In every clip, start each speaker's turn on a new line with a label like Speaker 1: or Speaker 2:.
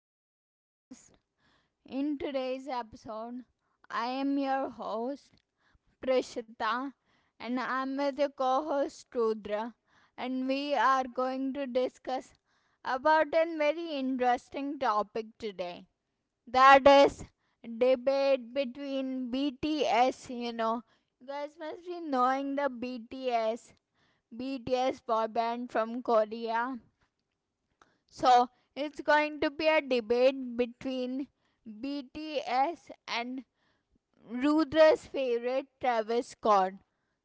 Speaker 1: the podcast. In today's episode, I am your host Prishita and I'm with your co-host Rudra, and we are going to discuss about a very interesting topic today. That is debate between BTS. You guys must be knowing the BTS boy band from Korea, so it's going to be a debate between BTS and Rudra's favorite Travis Scott.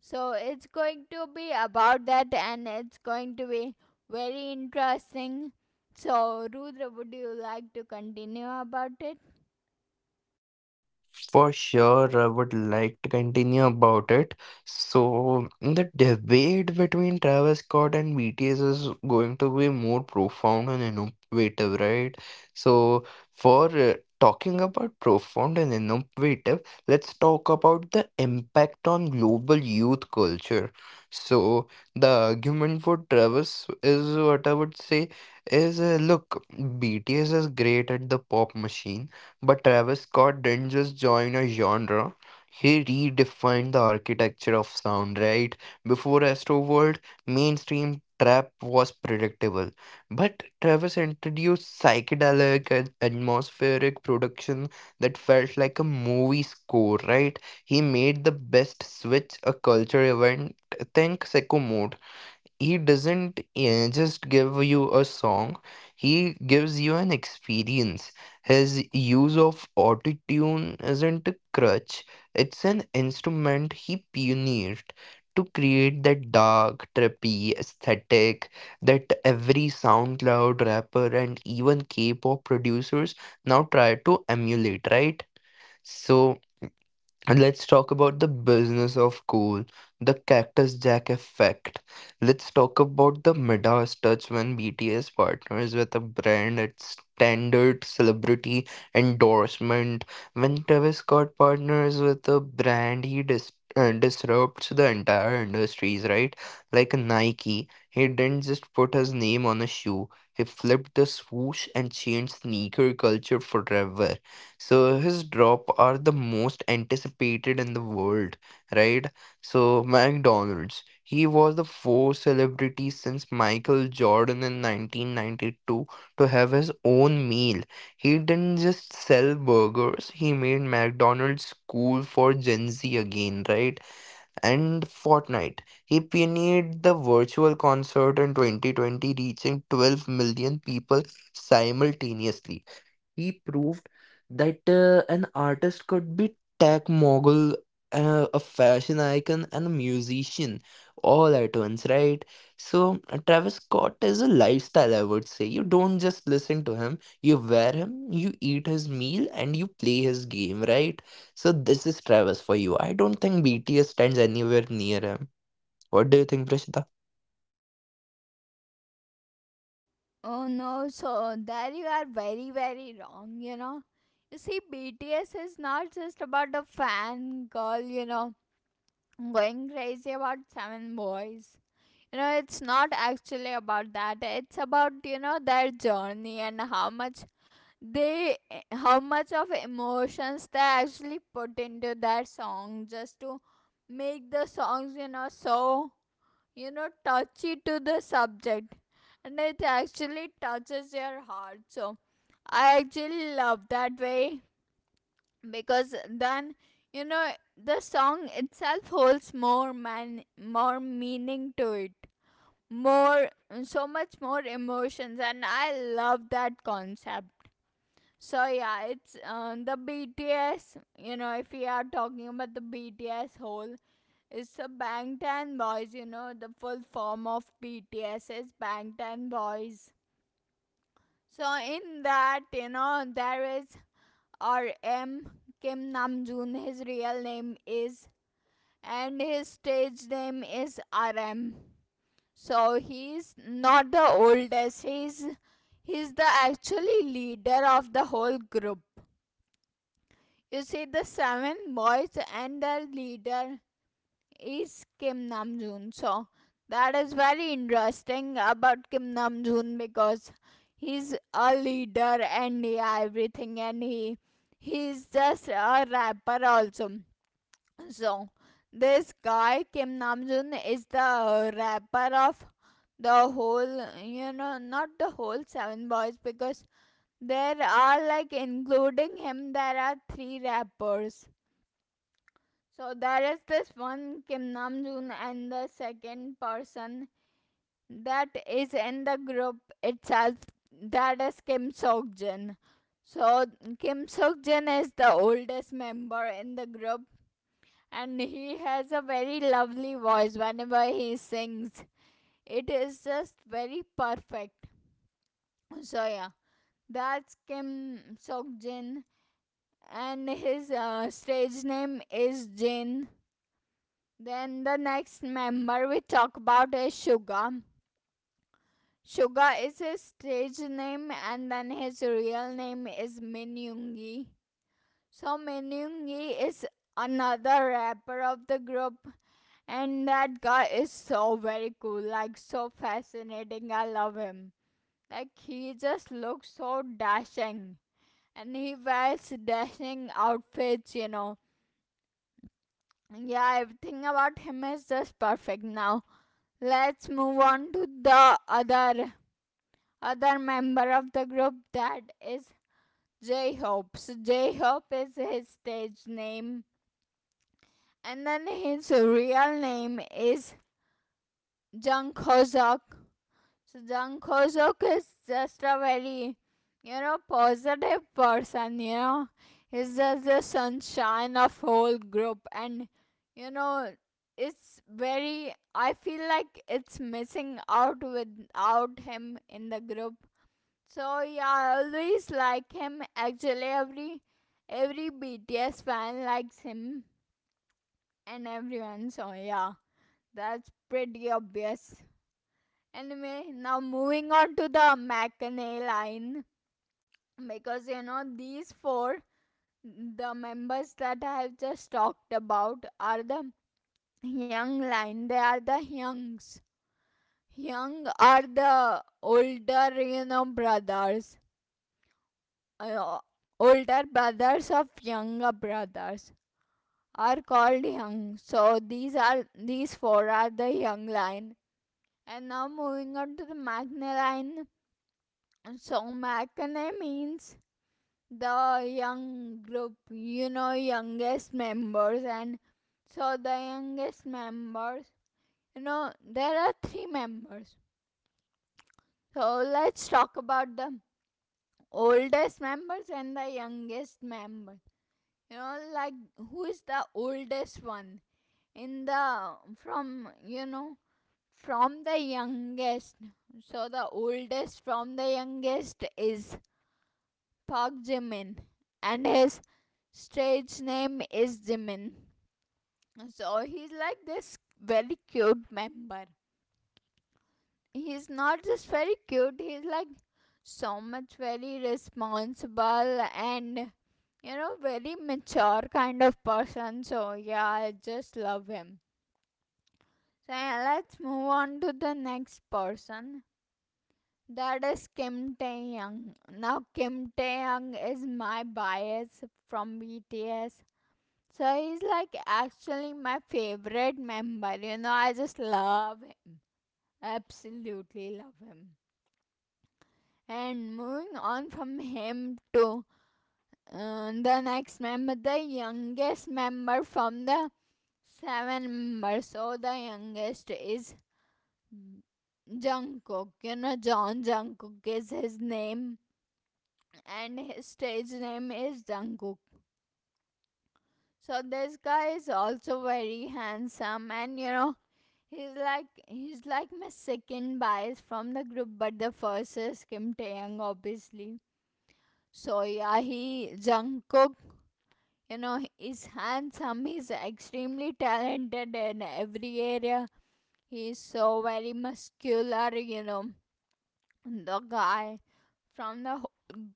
Speaker 1: So it's going to be about that, and it's going to be very interesting. So Rudra, would you like to continue about it?
Speaker 2: For sure, I would like to continue about it. So, the debate between Travis Scott and BTS is going to be more profound and innovative, right? So, for talking about profound and innovative, let's talk about the impact on global youth culture. So, the argument for Travis is what I would say is look, BTS is great at the pop machine, but Travis Scott didn't just join a genre, he redefined the architecture of sound, right? Before Astroworld, mainstream trap was predictable, but Travis introduced psychedelic and atmospheric production that felt like a movie score, right? He made the best switch a culture event. Think Sicko Mode, he doesn't just give you a song, he gives you an experience. His use of autotune isn't a crutch, it's an instrument he pioneered to create that dark, trippy aesthetic that every SoundCloud rapper and even K-pop producers now try to emulate, right? So and let's talk about the business of coal, the Cactus Jack effect. Let's talk about the Midas touch. When BTS partners with a brand, at standard celebrity endorsement. When Travis Scott partners with a brand, he disrupts the entire industries, right? Like Nike, he didn't just put his name on a shoe, he flipped the swoosh and changed sneaker culture forever. So his drop are the most anticipated in the world, right? So, McDonald's. He was the first celebrity since Michael Jordan in 1992 to have his own meal. He didn't just sell burgers, he made McDonald's cool for Gen Z again, right? And Fortnite. He pioneered the virtual concert in 2020, reaching 12 million people simultaneously. He proved that an artist could be tech mogul, a fashion icon, and a musician all at once, right? So, Travis Scott is a lifestyle, I would say. You don't just listen to him, you wear him, you eat his meal, and you play his game, right? So, this is Travis for you. I don't think BTS stands anywhere near him. What do you think, Prashita?
Speaker 1: Oh no, so there you are very wrong, you know. You see BTS is not just about a fan girl, you know, going crazy about seven boys. You know, it's not actually about that. It's about, you know, their journey and how much they, how much of emotions they actually put into their song just to make the songs, you know, so, you know, touchy to the subject, and it actually touches your heart. So I actually love that way, because then, you know, the song itself holds more meaning to it, more, so much more emotions, and I love that concept. So yeah, it's the BTS, you know, if we are talking about the BTS whole, it's the Bangtan Boys. You know, the full form of BTS is Bangtan Boys. So in that, you know, there is RM. Kim Namjoon his real name is, and his stage name is RM. So he's not the oldest. He's the actually leader of the whole group. You see, the seven boys, and the leader is Kim Namjoon. So that is very interesting about Kim Namjoon because he's a leader and yeah, everything, and he's just a rapper also. So, this guy Kim Namjoon is the rapper of the whole, you know, not the whole Seven Boys, because there are, like including him, there are three rappers. So there is this one Kim Namjoon, and the second person that is in the group itself. That is Kim Seokjin. So Kim Seokjin is the oldest member in the group, and he has a very lovely voice whenever he sings. It is just very perfect. So yeah, that's Kim Seokjin, and his stage name is Jin. Then the next member we talk about is Suga. Suga is his stage name, and then his real name is Min Yoongi. So Min Yoongi is another rapper of the group. And that guy is so very cool, like so fascinating. I love him. Like he just looks so dashing, and he wears dashing outfits, you know. Yeah, everything about him is just perfect now. Let's move on to the other member of the group. That is J-Hope. So J-Hope is his stage name, and then his real name is Jung Ho-seok. So Jung Ho Suk is just a very, you know, positive person, you know. He's just the sunshine of whole group, and you know, it's very, I feel like it's missing out without him in the group. So yeah, I always like him. Actually every BTS fan likes him and everyone, so yeah. That's pretty obvious. Anyway, now moving on to the Mackney line, because you know these four, the members that I have just talked about, are the young line. They are the youngs. Young are the older, you know, brothers. Uh, Older brothers of younger brothers are called young. So these are, these four are the young line. And now moving on to the Mackney line. So Mackney means the young group, you know, youngest members, and so the youngest members, you know, there are three members. So let's talk about the oldest members and the youngest member. You know, like who is the oldest one in the, from, you know, from the youngest. So the oldest from the youngest is Park Jimin, and his stage name is Jimin. So he's like this very cute member. He's not just very cute, he's like so much very responsible and, you know, very mature kind of person. So yeah, I just love him. So yeah, let's move on to the next person. That is Kim Tae Young. Now Kim Tae Young is my bias from BTS. So he's like actually my favorite member. You know, I just love him. Absolutely love him. And moving on from him to the next member, the youngest member from the seven members. So the youngest is Jungkook. You know, John Jungkook is his name, and his stage name is Jungkook. So this guy is also very handsome, and you know, he's like my second bias from the group, but the first is Kim Taeyang, obviously. So yeah, he Jungkook, you know, he's handsome. He's extremely talented in every area. He's so very muscular, you know, the guy from the whole,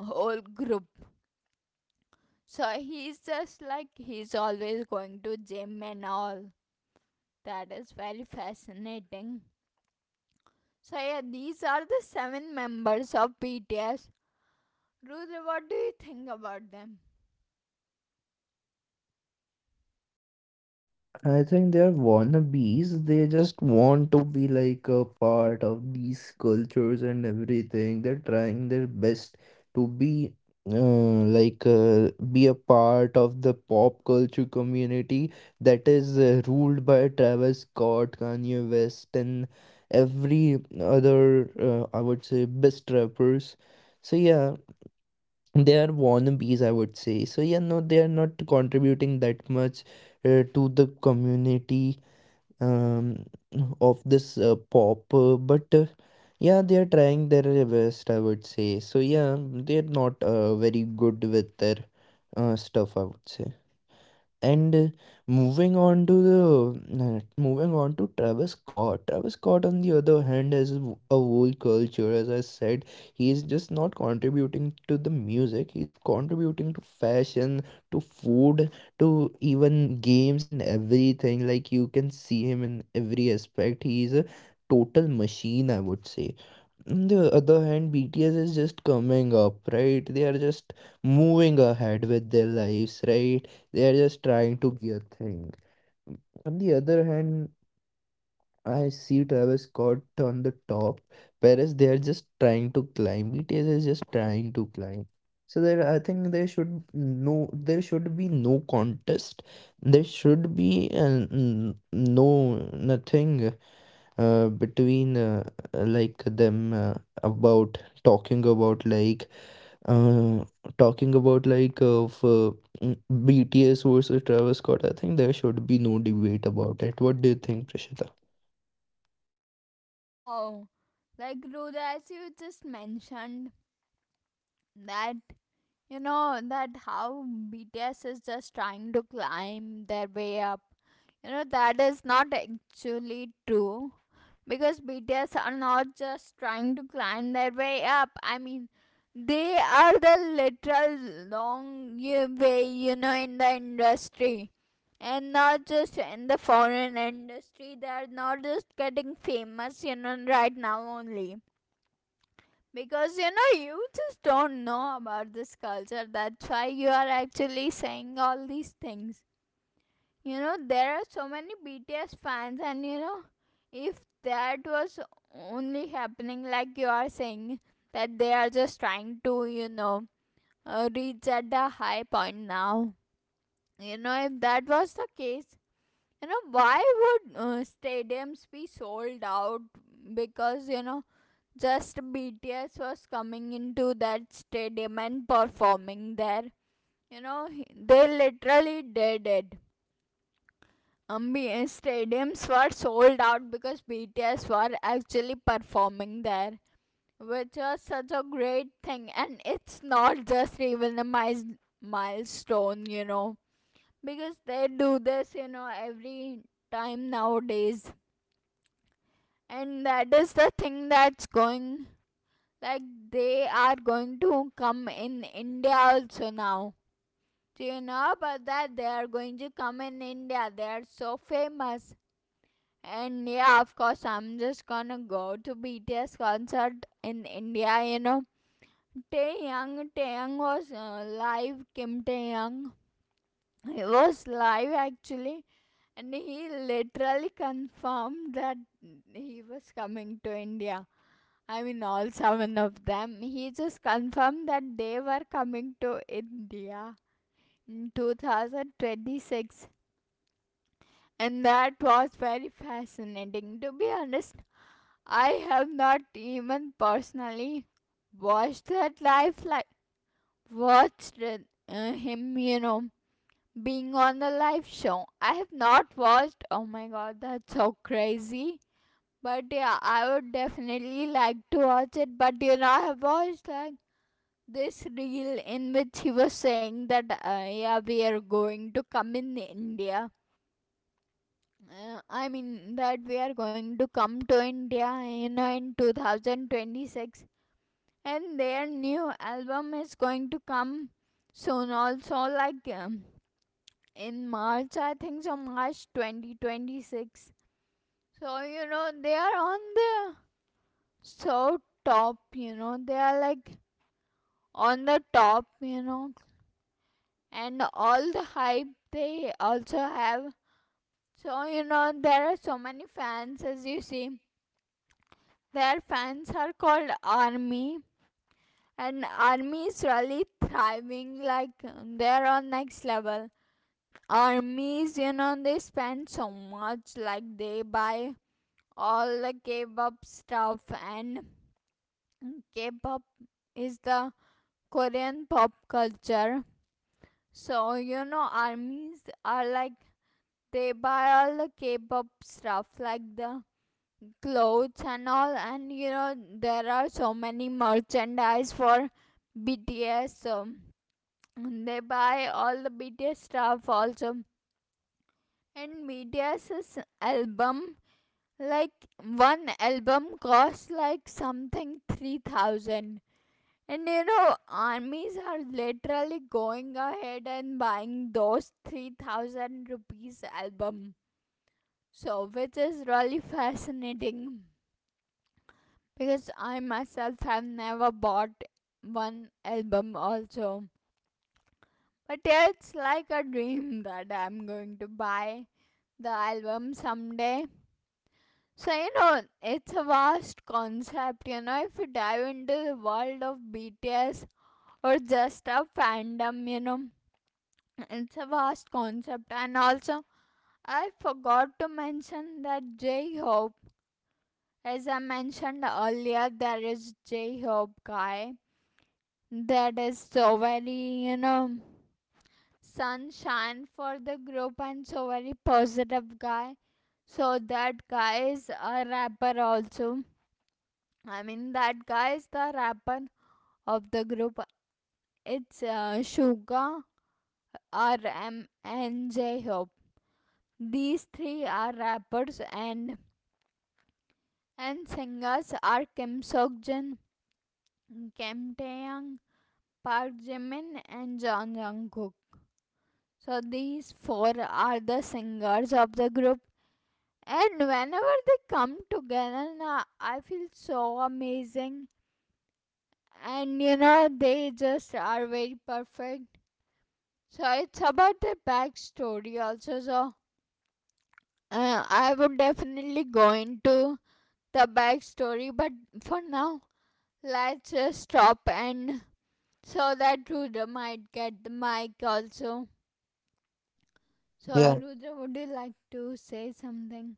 Speaker 1: whole group. So he's just like he's always going to gym and all. That is very fascinating. So yeah, these are the seven members of BTS. Rudra, what do you think about them?
Speaker 2: I think they are wannabes. They just want to be like a part of these cultures and everything. They're trying their best to be be a part of the pop culture community that is ruled by Travis Scott, Kanye West, and every other I would say best rappers. So yeah, they are wannabes, I would say. So yeah, no, they are not contributing that much to the community um, of this pop but yeah, they are trying their best, I would say. So yeah, they're not very good with their stuff, I would say. And moving on to Travis Scott. Travis Scott, on the other hand, a whole culture. As I said, he is just not contributing to the music. He's contributing to fashion, to food, to even games and everything. Like you can see him in every aspect. He is a total machine, I would say. On the other hand, BTS is just coming up, right? They are just moving ahead with their lives, right? They are just trying to be a thing. On the other hand, I see Travis Scott on the top, whereas they are just trying to climb. BTS is just trying to climb. So there, I think there should be no contest. There should be an, n- no nothing between like them, about talking about like uh, talking about like BTS versus Travis Scott. I think there should be no debate about it. What do you think, Prashita?
Speaker 1: No, like Rudra, as you just mentioned, that, you know that how BTS is just trying to climb their way up. You know that is not actually true, because BTS are not just trying to climb their way up. I mean, they are the literal long way, you know, in the industry. And not just in the foreign industry, they are not just getting famous, you know, right now only, because you know, you just don't know about this culture. That's why you are actually saying all these things. You know, there are so many BTS fans, and you know, if that was only happening like you are saying, that they are just trying to, you know, reach at the high point now. You know, if that was the case, you know, why would stadiums be sold out? Because, you know, just BTS was coming into that stadium and performing there. You know, they literally did it. Stadiums were sold out because BTS were actually performing there, which was such a great thing. And it's not just even a milestone, you know, because they do this, you know, every time nowadays. And that is the thing that's going, like, they are going to come in India also now. Do you know about that? They are going to come in India. They are so famous. And yeah, of course, I'm just gonna go to BTS concert in India. You know, Tae Young, was live. Kim Tae, he was live actually, and he literally confirmed that he was coming to India. I mean, all seven of them. He just confirmed that they were coming to India in 2026. And that was very fascinating. To be honest, I have not even personally watched that live, like, watched him, you know, being on the live show. I have not watched. Oh my god, that's so crazy. But yeah, I would definitely like to watch it. But you know, I have watched like this reel in which he was saying that yeah, we are going to come in India, I mean that we are going to come to India, you know, in 2026. And their new album is going to come soon also, like in march I think, so march 2026. So you know they are on the so top, you know, they are like on the top, you know, and all the hype they also have. So, you know, there are so many fans as you see. Their fans are called Army, and Army is really thriving, like they're on next level. Armies, you know, they spend so much, like they buy all the K pop stuff, and K pop is the Korean pop culture. So, you know, armies are like they buy all the K-pop stuff like the clothes and all, and you know there are so many merchandise for BTS, so they buy all the BTS stuff also. And BTS's album, like, one album costs like something 3,000, and you know armies are literally going ahead and buying those 3,000 rupees album. So, which is really fascinating, because I myself have never bought one album also. But yeah, it's like a dream that I'm going to buy the album someday. So, you know, it's a vast concept. You know, if you dive into the world of BTS or just a fandom, you know, it's a vast concept. And also, I forgot to mention that J Hope, as I mentioned earlier, there is J Hope guy that is so very, you know, sunshine for the group and so very positive guy. So that guy is a rapper also. I mean, that guy is the rapper of the group. It's Suga, RM, and J Hope. These three are rappers, and singers are Kim Seokjin, Kim Taeyang, Park Jimin and Jung Jungkook. So these four are the singers of the group, and whenever they come together na, I feel so amazing and you know they just are very perfect. So it's about their backstory also. So I would definitely go into the backstory, but for now let's just stop, and so that Ruda might get the mic also. So,
Speaker 2: Yeah,
Speaker 1: Rudra, would you like to say something?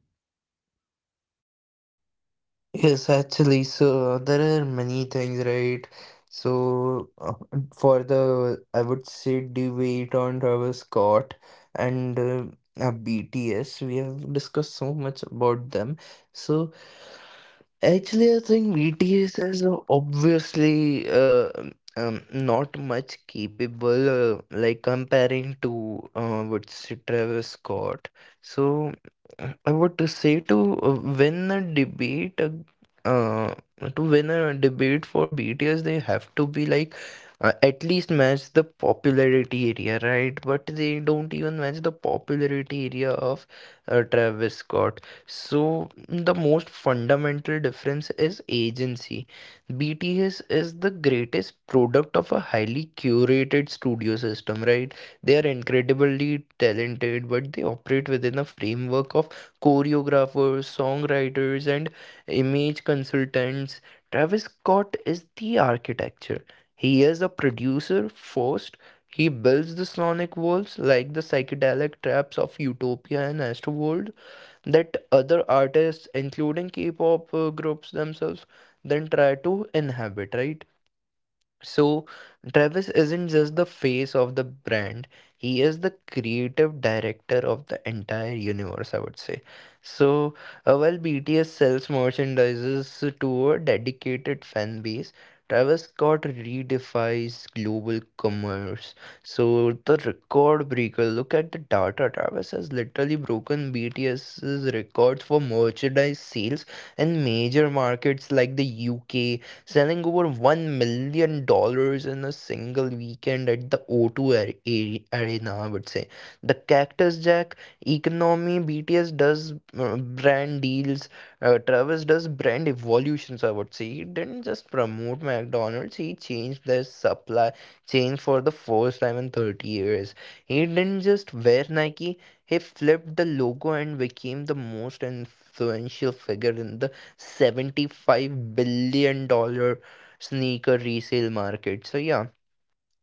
Speaker 2: Yes, actually, so there are many things, right? So for the, I would say, debate on Travis Scott and BTS, we have discussed so much about them. So actually, I think BTS is obviously not much capable, like comparing to Travis Scott. So. I would to say to uh, win a debate. Uh, to win a debate for BTS, they have to be like at least match the popularity area, right? But they don't even match the popularity area of Travis Scott. So the most fundamental difference is agency. BTS is the greatest product of a highly curated studio system, right? They are incredibly talented, but they operate within a framework of choreographers, songwriters, and image consultants. Travis Scott is the architecture. He is a producer first. He builds the sonic worlds, like the psychedelic traps of Utopia and Astroworld, that other artists, including K-pop groups themselves, then try to inhabit, right? So, Travis isn't just the face of the brand, he is the creative director of the entire universe, I would say. So, while BTS sells merchandises to a dedicated fan base, Travis Scott redefines global commerce. So, the record breaker, look at the data. Travis has literally broken BTS's records for merchandise sales in major markets like the UK, selling over $1 million dollars in a single weekend at the Arena, I would say. The Cactus Jack economy, BTS does brand deals, Travis does brand evolutions, I would say. He didn't just promote McDonald's, he changed their supply chain for the first time in 30 years. He didn't just wear Nike, he flipped the logo and became the most influential figure in the 75 billion dollar sneaker resale market. So yeah,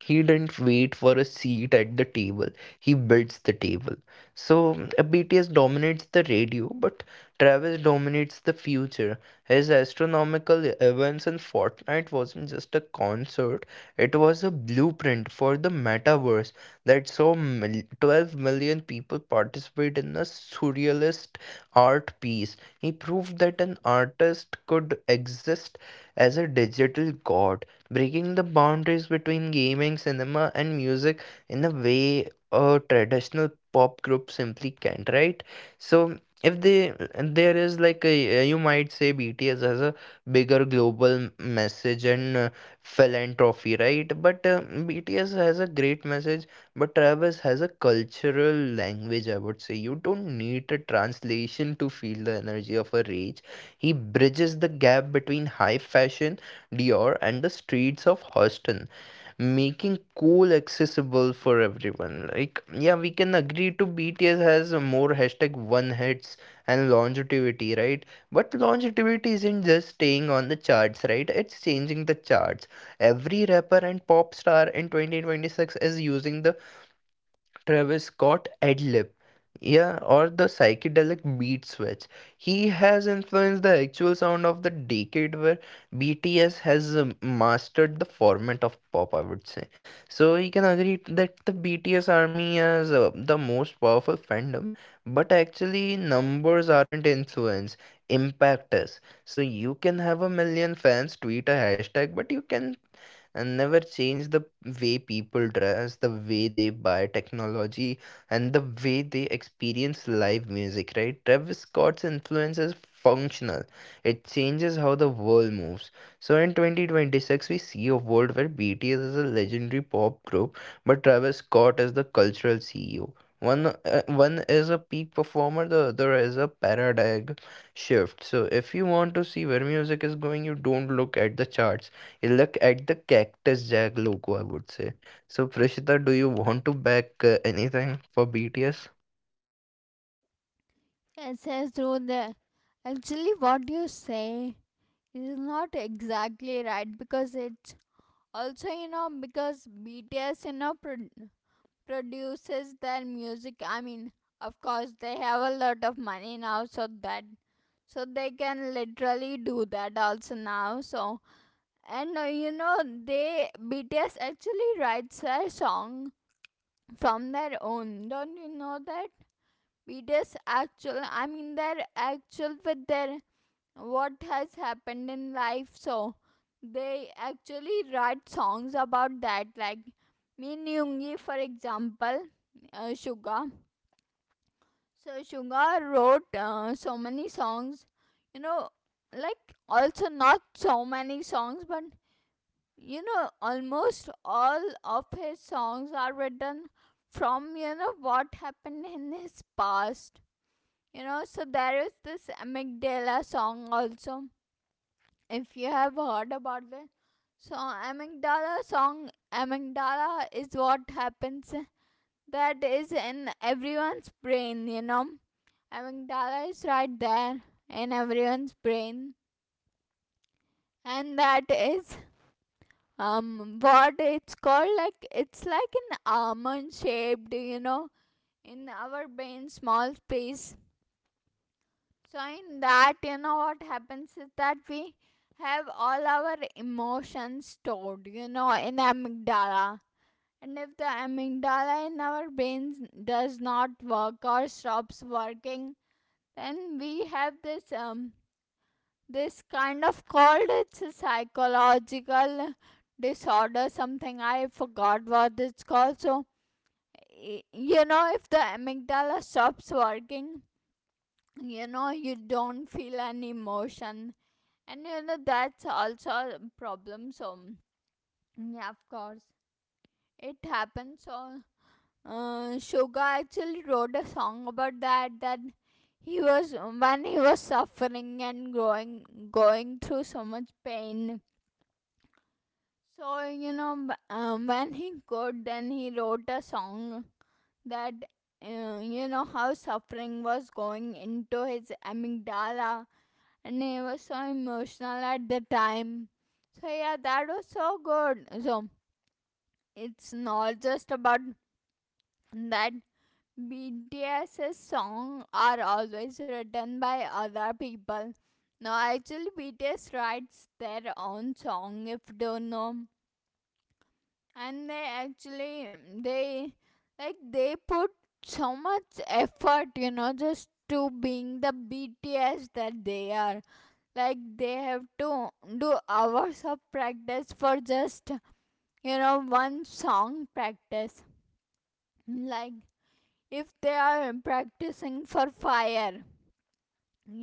Speaker 2: he didn't wait for a seat at the table. He builds the table. So BTS dominates the radio, but Travis dominates the future. His astronomical events in Fortnite wasn't just a concert, it was a blueprint for the metaverse that saw 12 million people participate in a surrealist art piece. He proved that an artist could exist as a digital god, breaking the boundaries between gaming, cinema, and music in a way a traditional pop group simply can't, right? So if they there is like a, you might say BTS has a bigger global message and philanthropy, right? But BTS has a great message, but Travis has a cultural language. I would say you don't need a translation to feel the energy of a rage. He bridges the gap between high fashion Dior and the streets of Houston, making cool accessible for everyone. Like, yeah, we can agree to BTS has more hashtag one hits and longevity, right? But longevity isn't just staying on the charts, right? It's changing the charts. Every rapper and pop star in 2026 is using the Travis Scott ad-lib, yeah, or the psychedelic beat switch. He has influenced the actual sound of the decade, where BTS has mastered the format of pop, I would say. So you can agree that the BTS army is the most powerful fandom, but actually numbers aren't influence, impact is. So you can have a million fans tweet a hashtag, but you can and never change the way people dress, the way they buy technology, and the way they experience live music, right? Travis Scott's influence is functional, it changes how the world moves. So in 2026, we see a world where BTS is a legendary pop group, but Travis Scott is the cultural CEO. One is a peak performer, the other is a paradigm shift. So if you want to see where music is going, you don't look at the charts. Look at the Cactus Jack logo, I would say. So, Prishita, do you want to back anything for BTS?
Speaker 1: It says, Rudra, actually, what you say is not exactly right because it's also, you know, because BTS, you know, produces their music. I mean, of course, they have a lot of money now, so that so they can literally do that also now. So, and you know, they BTS actually writes their song from their own. Don't you know that? Readers actual, I mean their actual, with their what has happened in life. So they actually write songs about that, like Min Yoongi for example, Suga. So Suga wrote so many songs, you know, like also not so many songs but you know almost all of his songs are written from you know what happened in his past. You know, so there is this amygdala song also. If you have heard about this, so amygdala song, amygdala is what happens. That is in everyone's brain. You know, amygdala is right there in everyone's brain, and that is what it's called. Like it's like an almond shaped. You know, in our brain, small space. So in that, you know what happens is that we have all our emotions stored, you know, in amygdala. And if the amygdala in our brains does not work or stops working, then we have this this kind of, called, it's a psychological disorder something, I forgot what it's called. So you know if the amygdala stops working, you know you don't feel an emotion, and you know that's also a problem so yeah of course it happens. So Suga actually wrote a song about that, that he was, when he was suffering and going through so much pain. So you know when he could then he wrote a song that you know how suffering was going into his amygdala, and it was so emotional at the time. So yeah, that was so good. So it's not just about that BTS's songs are always written by other people. No, actually BTS writes their own song if you don't know. And they actually they like they put so much effort, you know, just to being the BTS that they are. Like they have to do hours of practice for just you know one song practice. Like if they are practicing for Fire,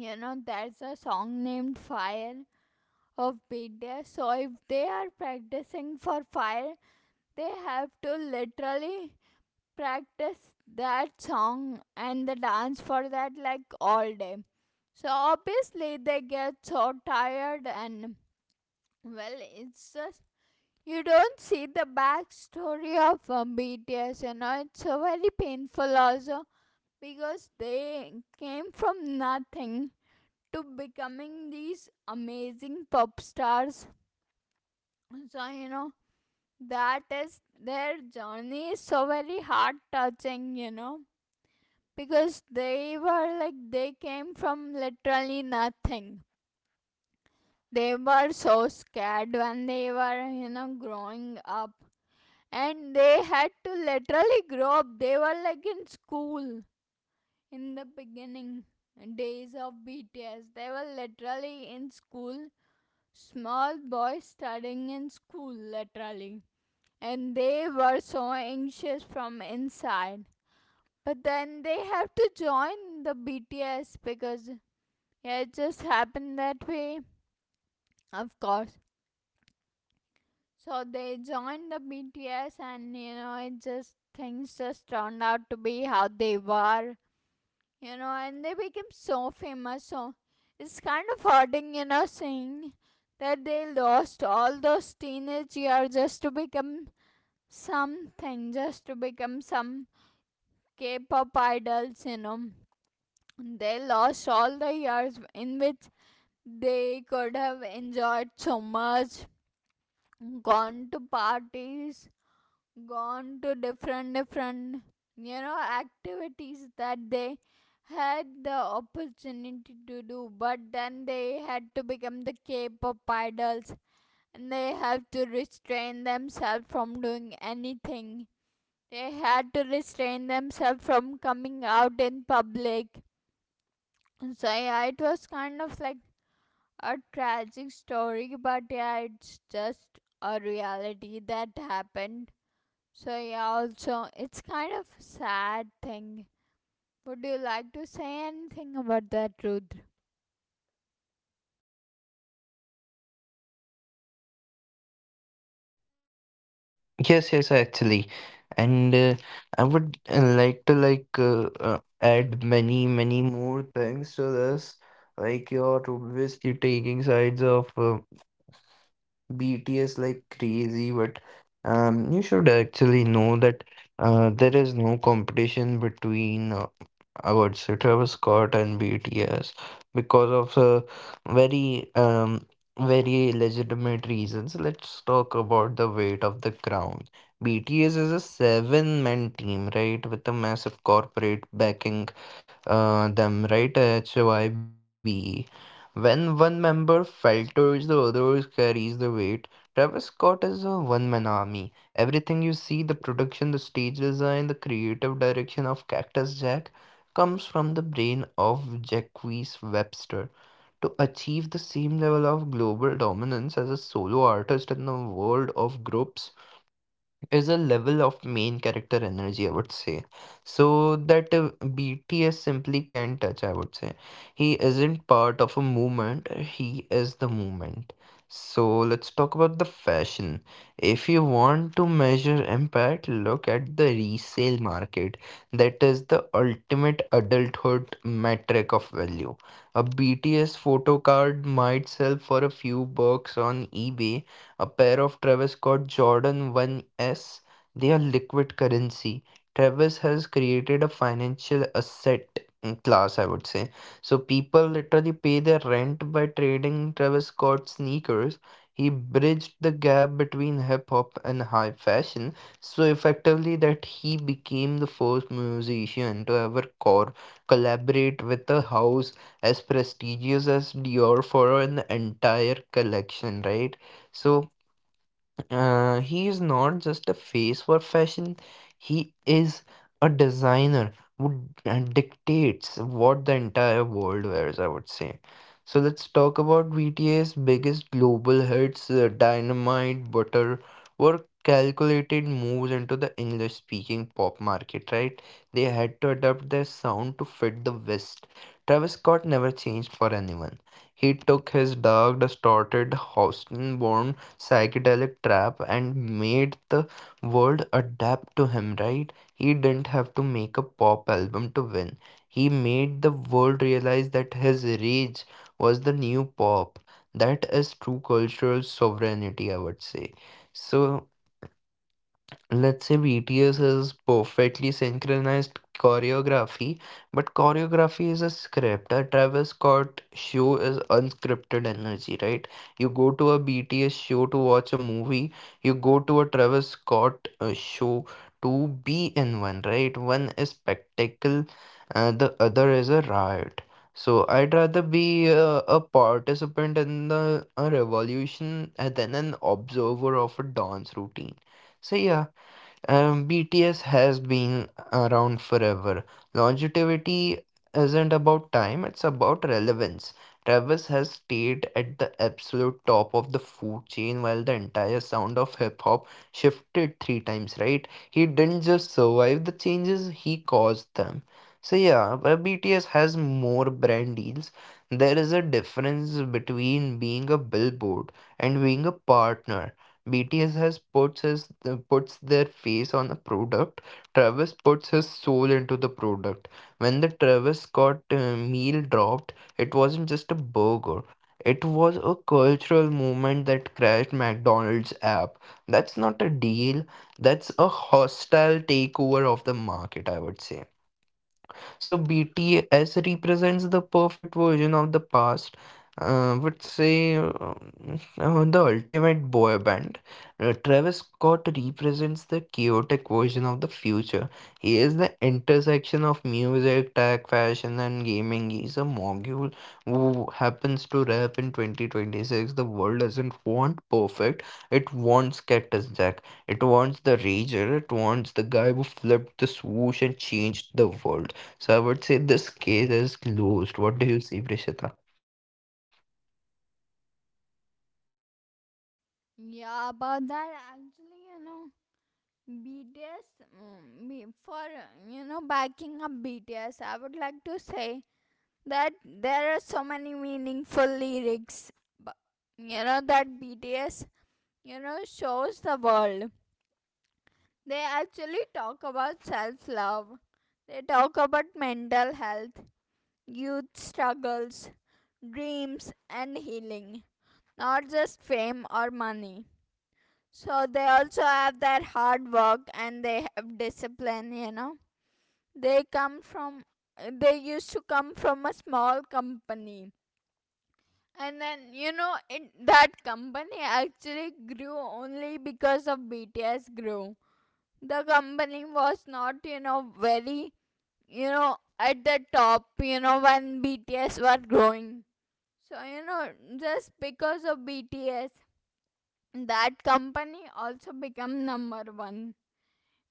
Speaker 1: you know there's a song named Fire of BTS, so if they are practicing for Fire, they have to literally practice that song and the dance for that like all day. So obviously they get so tired. And well, it's just, you don't see the backstory of BTS, you know, it's so very painful also because they came from nothing to becoming these amazing pop stars. So, you know, that is, their journey is so very heart touching, you know, because they were like they came from literally nothing. They were so scared when they were, you know, growing up, and they had to literally grow up. They were like in school in the beginning days of BTS. They were literally in school, small boys studying in school, literally. And they were so anxious from inside. But then they have to join the BTS because yeah, it just happened that way. Of course. So they joined the BTS and you know it just, things just turned out to be how they were. You know, and they became so famous. So it's kind of hurting, you know, seeing that they lost all those teenage years just to become something, just to become some K pop idols, you know. They lost all the years in which they could have enjoyed so much, gone to parties, gone to different different you know activities that they had the opportunity to do, but then they had to become the K-pop idols, and they have to restrain themselves from doing anything. They had to restrain themselves from coming out in public. So yeah, it was kind of like a tragic story, but yeah, it's just a reality that happened. So yeah, also it's kind of sad thing. Would you like to say anything about that, Rudra?
Speaker 2: Yes, actually, and I would like to add many more things to this. Like you're obviously taking sides of. BTS like crazy, but you should actually know that there is no competition between I would say Travis Scott and BTS because of very very legitimate reasons. Let's talk about the weight of the crown. BTS is a seven-man team, right, with a massive corporate backing them, right? HYB. When one member falters, the others carries the weight. Travis Scott is a one-man army. Everything you see, the production, the stage design, the creative direction of Cactus Jack comes from the brain of Jacquees Webster. To achieve the same level of global dominance as a solo artist in the world of groups is a level of main character energy, I would say. So that BTS simply can't touch, I would say. He isn't part of a movement, he is the movement. So let's talk about the fashion. If you want to measure impact, look at the resale market. That is the ultimate adulthood metric of value. A BTS photo card might sell for a few bucks on eBay, a pair of Travis Scott Jordan One S, they are liquid currency. Travis has created a financial asset class, I would say. So people literally pay their rent by trading Travis Scott sneakers. He bridged the gap between hip hop and high fashion so effectively that he became the first musician to ever collaborate with a house as prestigious as Dior for an entire collection, right? So he is not just a face for fashion, he is a designer who dictates what the entire world wears, I would say. So let's talk about BTS' biggest global hits, Dynamite, Butter, were calculated moves into the English speaking pop market, right? They had to adapt their sound to fit the West. Travis Scott never changed for anyone. He took his dark, distorted, Houston psychedelic trap and made the world adapt to him, right? He didn't have to make a pop album to win. He made the world realize that his rage was the new pop. That is true cultural sovereignty, I would say. So let's say BTS is perfectly synchronized choreography, but choreography is a script. A Travis Scott show is unscripted energy, right? You go to a BTS show to watch a movie, you go to a Travis Scott show to be in one, right? One is spectacle, the other is a riot. So I'd rather be a participant in the a revolution than an observer of a dance routine. So yeah, BTS has been around forever. Longevity isn't about time, it's about relevance. Travis has stayed at the absolute top of the food chain while the entire sound of hip hop shifted three times, right? He didn't just survive the changes, he caused them. So, yeah, but BTS has more brand deals. There is a difference between being a billboard and being a partner. BTS has puts their face on a product. Travis puts his soul into the product. When the Travis Scott meal dropped, it wasn't just a burger. It was a cultural movement that crashed McDonald's app. That's not a deal. That's a hostile takeover of the market, I would say. So BTS represents the perfect version of the past. Would say the ultimate boy band. Travis Scott represents the chaotic version of the future. He is the intersection of music, tech, fashion, and gaming. He's a mogul who happens to rap in 2026. The world doesn't want perfect, it wants Cactus Jack. It wants the rager, it wants the guy who flipped the swoosh and changed the world. So I would say this case is closed. What do you see, Prishita?
Speaker 1: Yeah, about that actually, you know, BTS. Mm, be- For you know, backing up BTS, I would like to say that there are so many meaningful lyrics. But you know that BTS, you know, shows the world. They actually talk about self-love. They talk about mental health, youth struggles, dreams, and healing, not just fame or money. So they also have their hard work and they have discipline, you know. They come from, they used to come from a small company. And then, you know, it, that company actually grew only because of BTS grew. The company was not, you know, very, you know, at the top, you know, when BTS were growing. So you know, just because of BTS, that company also become number one.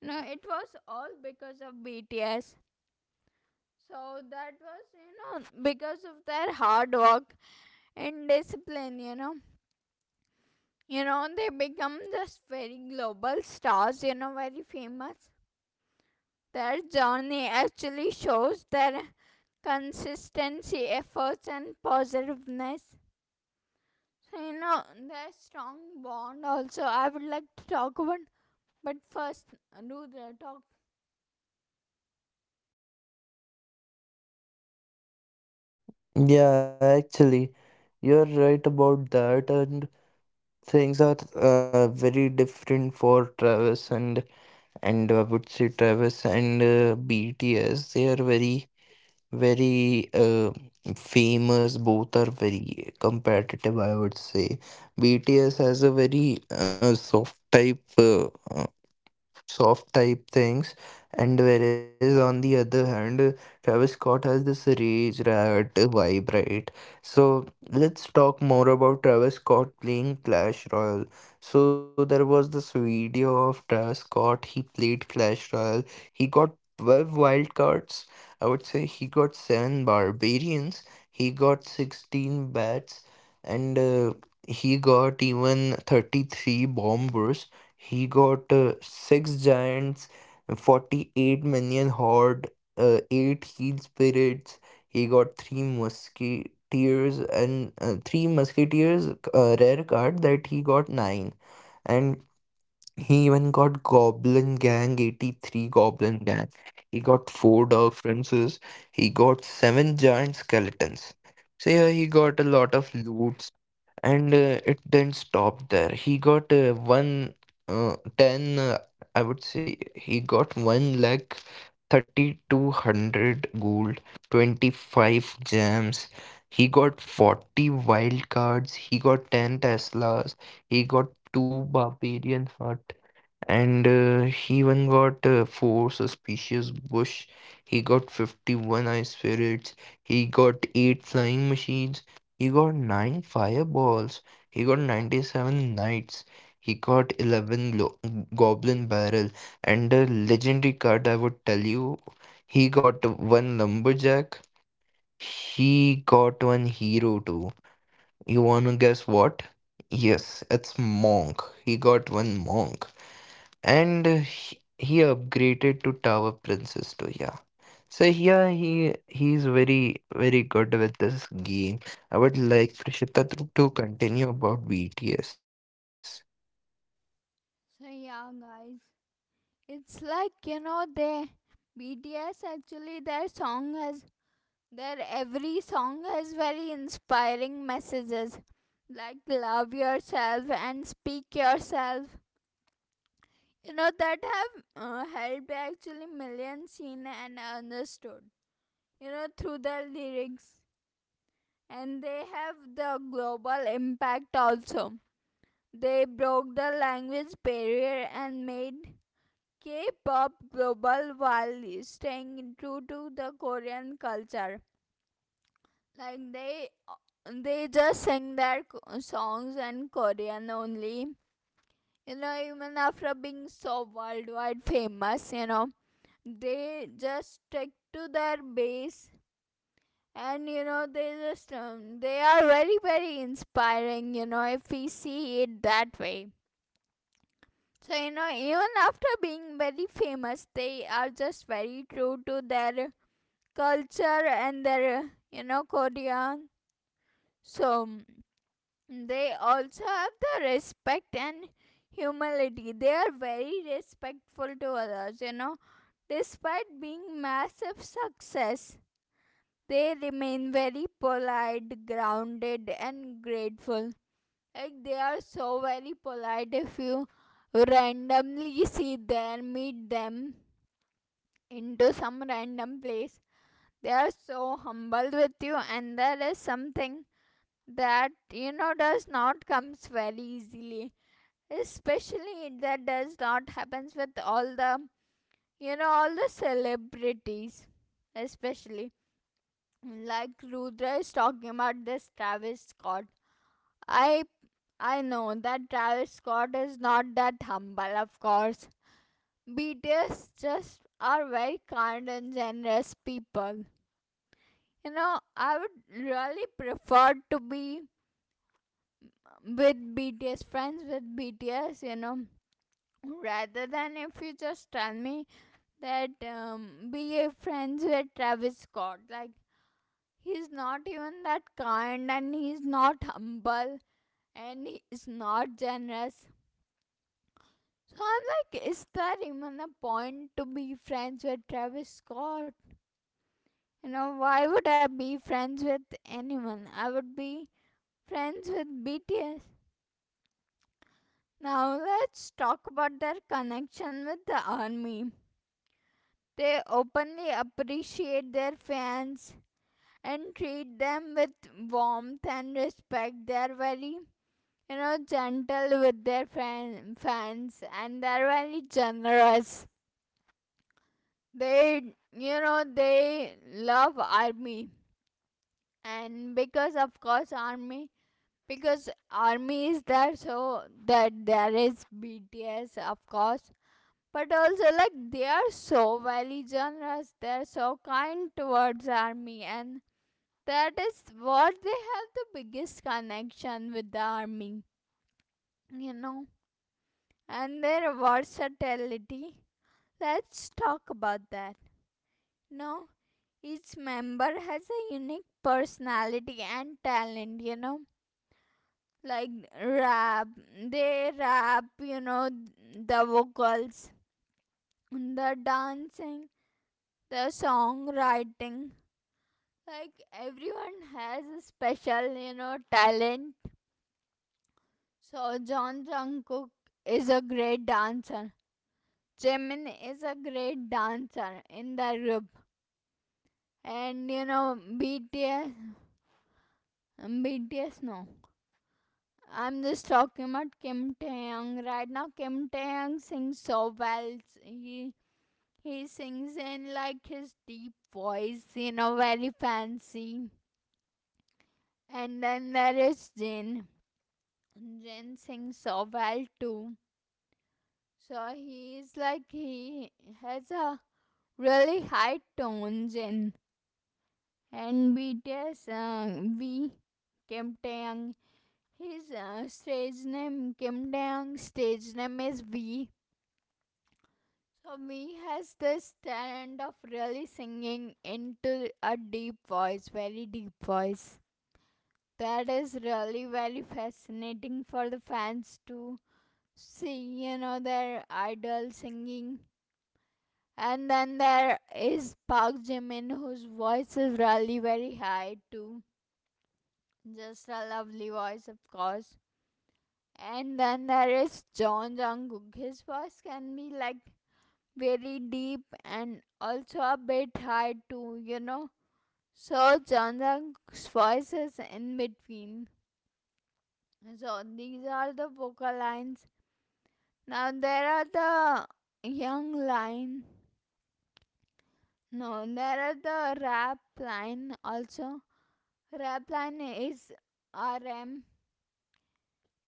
Speaker 1: No, it was all because of BTS. So that was you know because of their hard work and discipline. You know they become just very global stars. You know, very famous. Their journey actually shows their consistency, efforts, and positiveness. So you know there's strong bond also. I would like to talk about, but first do the talk.
Speaker 2: Yeah, actually, you're right about that, and things are very different for Travis and I would say Travis and BTS. They are very very famous. Both are very competitive. I would say BTS has a very soft type. Soft type things. And whereas on the other hand, Travis Scott has this rage rat vibe, right? So let's talk more about Travis Scott playing Clash Royale. So there was this video of Travis Scott, he played Clash Royale. He got 12 wild cards. I would say he got 7 barbarians. He got 16 bats, and he got even 33 bombers. He got six giants, 48 minion horde, eight heat spirits. He got three musketeers, and three musketeers, rare card, that he got nine. And he even got Goblin Gang, 83 Goblin Gang. He got four dog Princes. He got seven giant skeletons. So yeah, he got a lot of loot, and it didn't stop there. He got one, ten. I would say he got one lakh 3,200 gold, 25 gems. He got 40 wild cards. He got 10 Teslas. He got two barbarian hut, and he even got four suspicious bush. He got 51 ice spirits. He got eight flying machines. He got nine fireballs. He got 97 knights. He got 11 goblin barrel, and a legendary card, I would tell you, he got one lumberjack. He got one hero too. You want to guess what? Yes, it's monk. He got one monk. And he upgraded to Tower Princess too. Yeah. So here he's very very good with this game. I would like Prishita to continue about BTS.
Speaker 1: So yeah, guys, it's like you know they BTS actually their song has their every song has very inspiring messages like love yourself and speak yourself. You know that have helped actually millions seen and understood. You know through their lyrics, and they have the global impact also. They broke the language barrier and made K pop global while staying true to the Korean culture. Like they just sing their songs in Korean only. You know, even after being so worldwide famous, you know, they just stick to their base, and you know they just they are very very inspiring, you know, if we see it that way. So you know even after being very famous they are just very true to their culture and their you know Korean. So they also have the respect and humility. They are very respectful to others, you know, despite being massive success they remain very polite, grounded, and grateful. Like they are so very polite if you randomly see them, meet them into some random place. They are so humble with you, and that is something that you know does not comes very easily. Especially that does not happens with all the you know all the celebrities, especially like Rudra is talking about this Travis Scott. I I know that Travis Scott is not that humble, of course. BTS just are very kind and generous people. You know, I would really prefer to be with BTS, friends with BTS, you know, rather than if you just tell me that be friends with Travis Scott. Like he's not even that kind and he's not humble and he is not generous. So I'm like, is there even a point to be friends with Travis Scott? You know, why would I be friends with anyone? I would be friends with BTS. Now let's talk about their connection with the army. They openly appreciate their fans and treat them with warmth and respect. They are very you know gentle with their fans, and they're very generous. They you know they love army, and because of course army, because army is there so that there is BTS of course, but also like they are so very generous, they're so kind towards army, and that is what they have, the biggest connection with the army, you know. And their versatility, let's talk about that. No, each member has a unique personality and talent, you know, like rap, they rap, you know, the vocals, the dancing, the songwriting, like everyone has a special you know talent. So John Jungkook is a great dancer, Jimin is a great dancer in the group, and you know bts BTS no, I'm just talking about Kim Taeyang right now. Kim Taeyang sings so well. He sings in like his deep voice, you know, very fancy. And then there is Jin. Jin sings so well too. So he is like, he has a really high tone, Jin. And BTS, V, Kim Taeyang. His stage name, Kim Taeyang's stage name is V. So me has this talent of really singing into a deep voice, very deep voice. That is really very fascinating for the fans to see, you know, their idol singing. And then there is Park Jimin, whose voice is really very high too. Just a lovely voice, of course. And then there is John Jungkook. His voice can be like very deep and also a bit high too, you know. So Jandang's voice is in between. So these are the vocal lines. Now there are the young line. No, there are the rap line also. Rap line is RM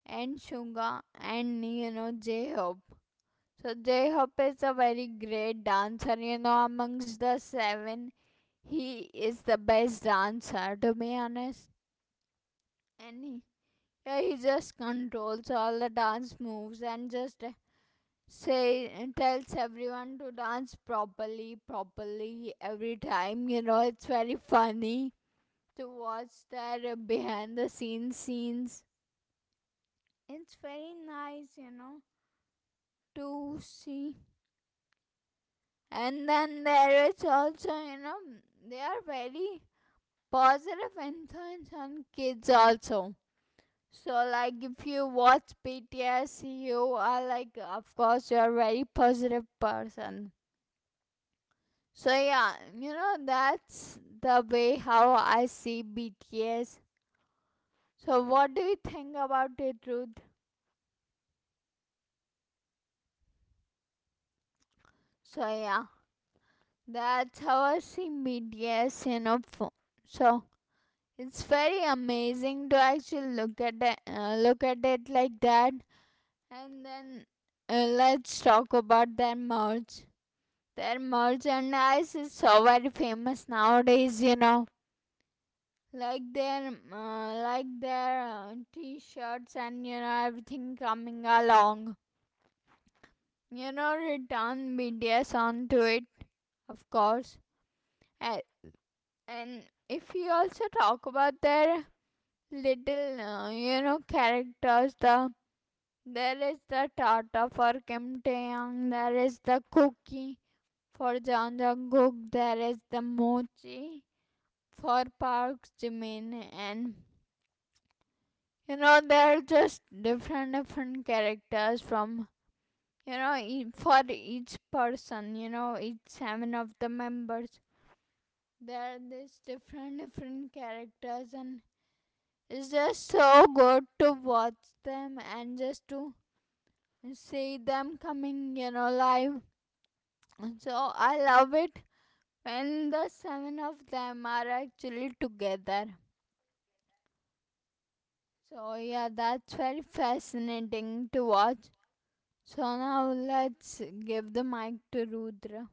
Speaker 1: and Suga, and you know J Hope. So J Hope is a very great dancer. You know, amongst the seven, he is the best dancer, to be honest. And he, yeah, he just controls all the dance moves and just say tells everyone to dance properly, properly every time. You know, it's very funny to watch their behind the scenes. It's very nice, you know, to see. And then there is also, you know, they are very positive influence on kids also. So, like, if you watch BTS, you are like, of course, you're a very positive person. So, yeah, you know, that's the way how I see BTS. So, what do you think about it, Ruth? So, yeah, that's how I see BTS, you know. So, it's very amazing to actually look at it, like that. And then let's talk about their merch. Their merchandise is so very famous nowadays, you know. Like their their t-shirts, and you know everything coming along. You know, return BTS onto it, of course. And, and if you also talk about their little, you know, characters, the there is the Tata for Kim Kimtaeyang. There is the cookie for Janjanguk. There is the mochi for Park Jimin. And you know, there are just different, different characters from, you know, for each person, you know, each seven of the members. There are these different, different characters, and it's just so good to watch them and just to see them coming, you know, live. So I love it when the seven of them are actually together. So yeah, that's very fascinating to watch. So now let's give the mic to Rudra.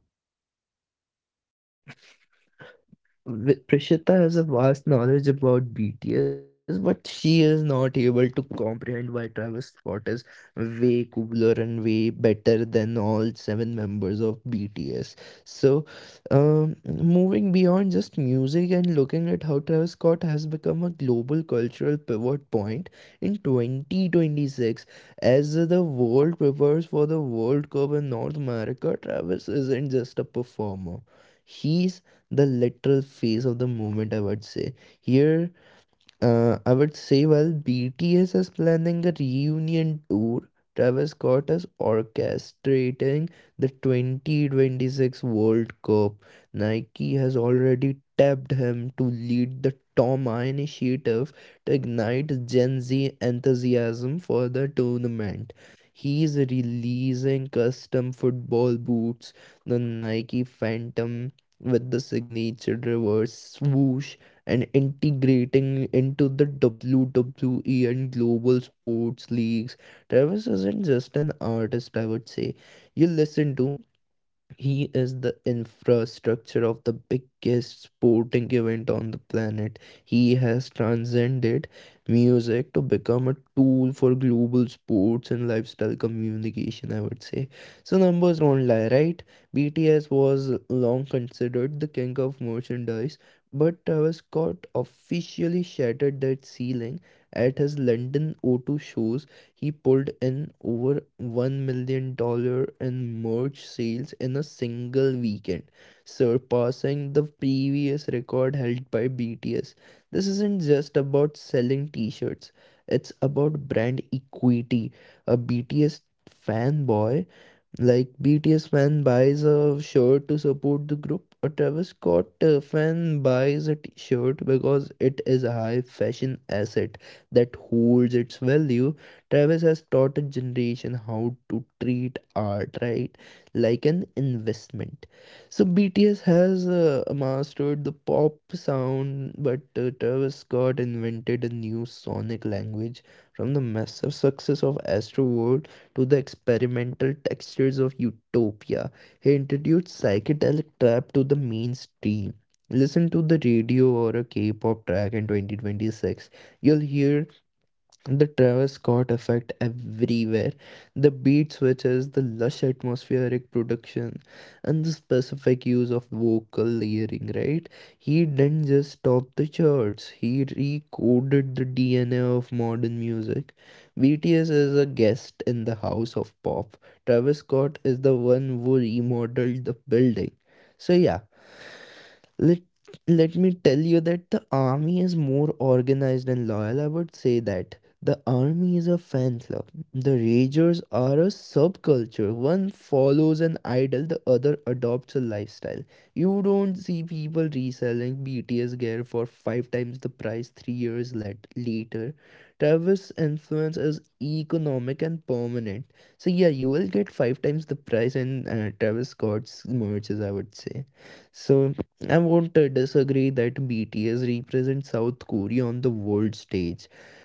Speaker 2: Prishita has a vast knowledge about BTS, but she is not able to comprehend why Travis Scott is way cooler and way better than all seven members of BTS. So, moving beyond just music and looking at how Travis Scott has become a global cultural pivot point in 2026, as the world prepares for the World Cup in North America, Travis isn't just a performer. He's the literal phase of the movement, I would say. Here I would say, well, BTS is planning a reunion tour. Travis Scott is orchestrating the 2026 World Cup. Nike has already tapped him to lead the Toma initiative to ignite Gen Z enthusiasm for the tournament. He's releasing custom football boots, the Nike Phantom with the signature reverse swoosh, and integrating into the WWE and global sports leagues. Travis isn't just an artist, I would say. You listen to, he is the infrastructure of the biggest sporting event on the planet. He has transcended music to become a tool for global sports and lifestyle communication, I would say. So, numbers don't lie, right? BTS was long considered the king of merchandise, but Travis Scott officially shattered that ceiling at his London 0 shows. He pulled in over $1 million dollars in merch sales in a single weekend, surpassing the previous record held by BTS. This isn't just about selling t shirts, it's about brand equity. A BTS fanboy, like BTS fan, buys a shirt to support the group. A Travis Scott fan buys a t-shirt because it is a high fashion asset that holds its value. Travis has taught a generation how to treat art, right? Like an investment. So BTS has mastered the pop sound, but Travis Scott invented a new sonic language from the massive success of Astroworld to the experimental textures of utopia. He introduced psychedelic trap to the mainstream. Listen to the radio or a K pop track in 2026. You'll hear the Travis Scott effect everywhere. The beat switches, the lush atmospheric production, and the specific use of vocal layering, right? He didn't just top the charts, he recoded the DNA of modern music. BTS is a guest in the house of pop. Travis Scott is the one who remodeled the building. So, yeah, let let me tell you that the army is more organized and loyal. I would say that the army is a fan club. The ragers are a subculture. One follows an idol, the other adopts a lifestyle. You don't see people reselling BTS gear for five times the price 3 years later. Travis' influence is economic and permanent. So yeah, you will get five times the price in Travis Scott's merches, I would say. So I won't disagree that BTS represents South Korea on the world stage,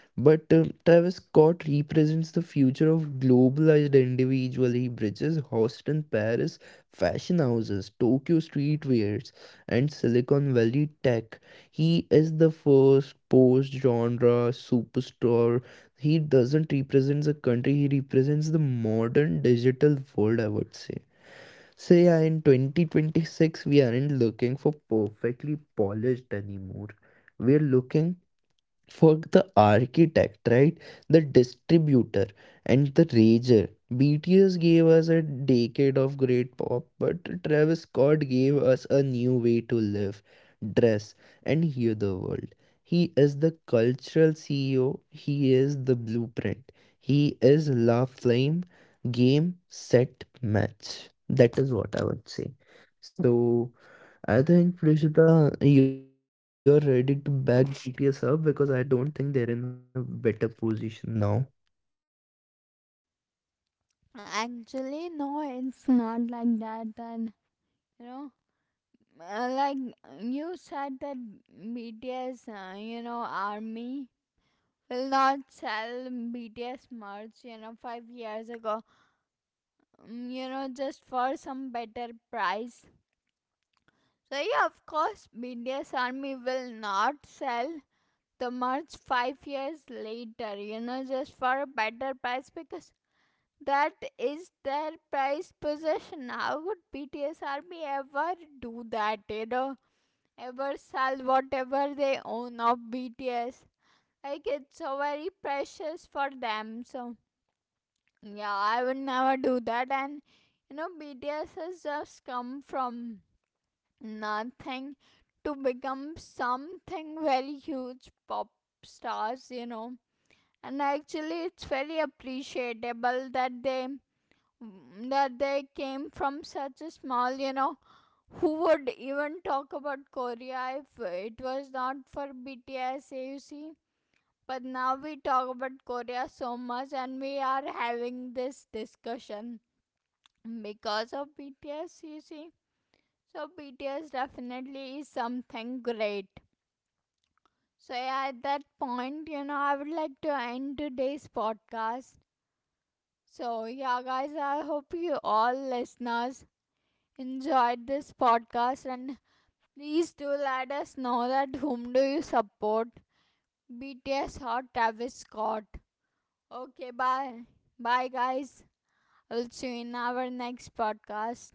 Speaker 2: but Travis Scott represents the future of globalized individual. He bridges Houston, Paris, fashion houses, Tokyo streetwears, and Silicon Valley tech. He is the first post-genre superstar. He doesn't represent a country, he represents the modern digital world, I would say. So yeah, in 2026, we aren't looking for perfectly polished anymore. We're looking for the architect, right? The distributor and the rager. BTS gave us a decade of great pop, but Travis Scott gave us a new way to live, dress, and hear the world. He is the cultural CEO, he is the blueprint, he is La Flame, game, set, match. That is what I would say. So, I think Prishita, you're ready to back GTS up because I don't think they're in a better position now.
Speaker 1: Actually, no, it's not like that. And you know, like you said that BTS, you know, army will not sell BTS merch. You know, five years ago, mm, you know, just for some better price. So, yeah, of course, BDS Army will not sell the merch five years later, you know, just for a better price, because that is their prized possession. How would BTS Army ever do that, you know, ever sell whatever they own of BTS? Like, it's so very precious for them. So, yeah, I would never do that. And, you know, BTS has just come from nothing to become something very huge pop stars, you know. And actually it's very appreciable that they came from such a small, you know, who would even talk about Korea if it was not for BTS, you see? But now we talk about Korea so much, and we are having this discussion because of BTS, you see. So BTS definitely is something great. So yeah, at that point, you know, I would like to end today's podcast. So yeah, guys, I hope you all listeners enjoyed this podcast, and please do let us know that whom do you support, BTS or Travis Scott. Okay, bye. Bye guys. I'll see you in our next podcast.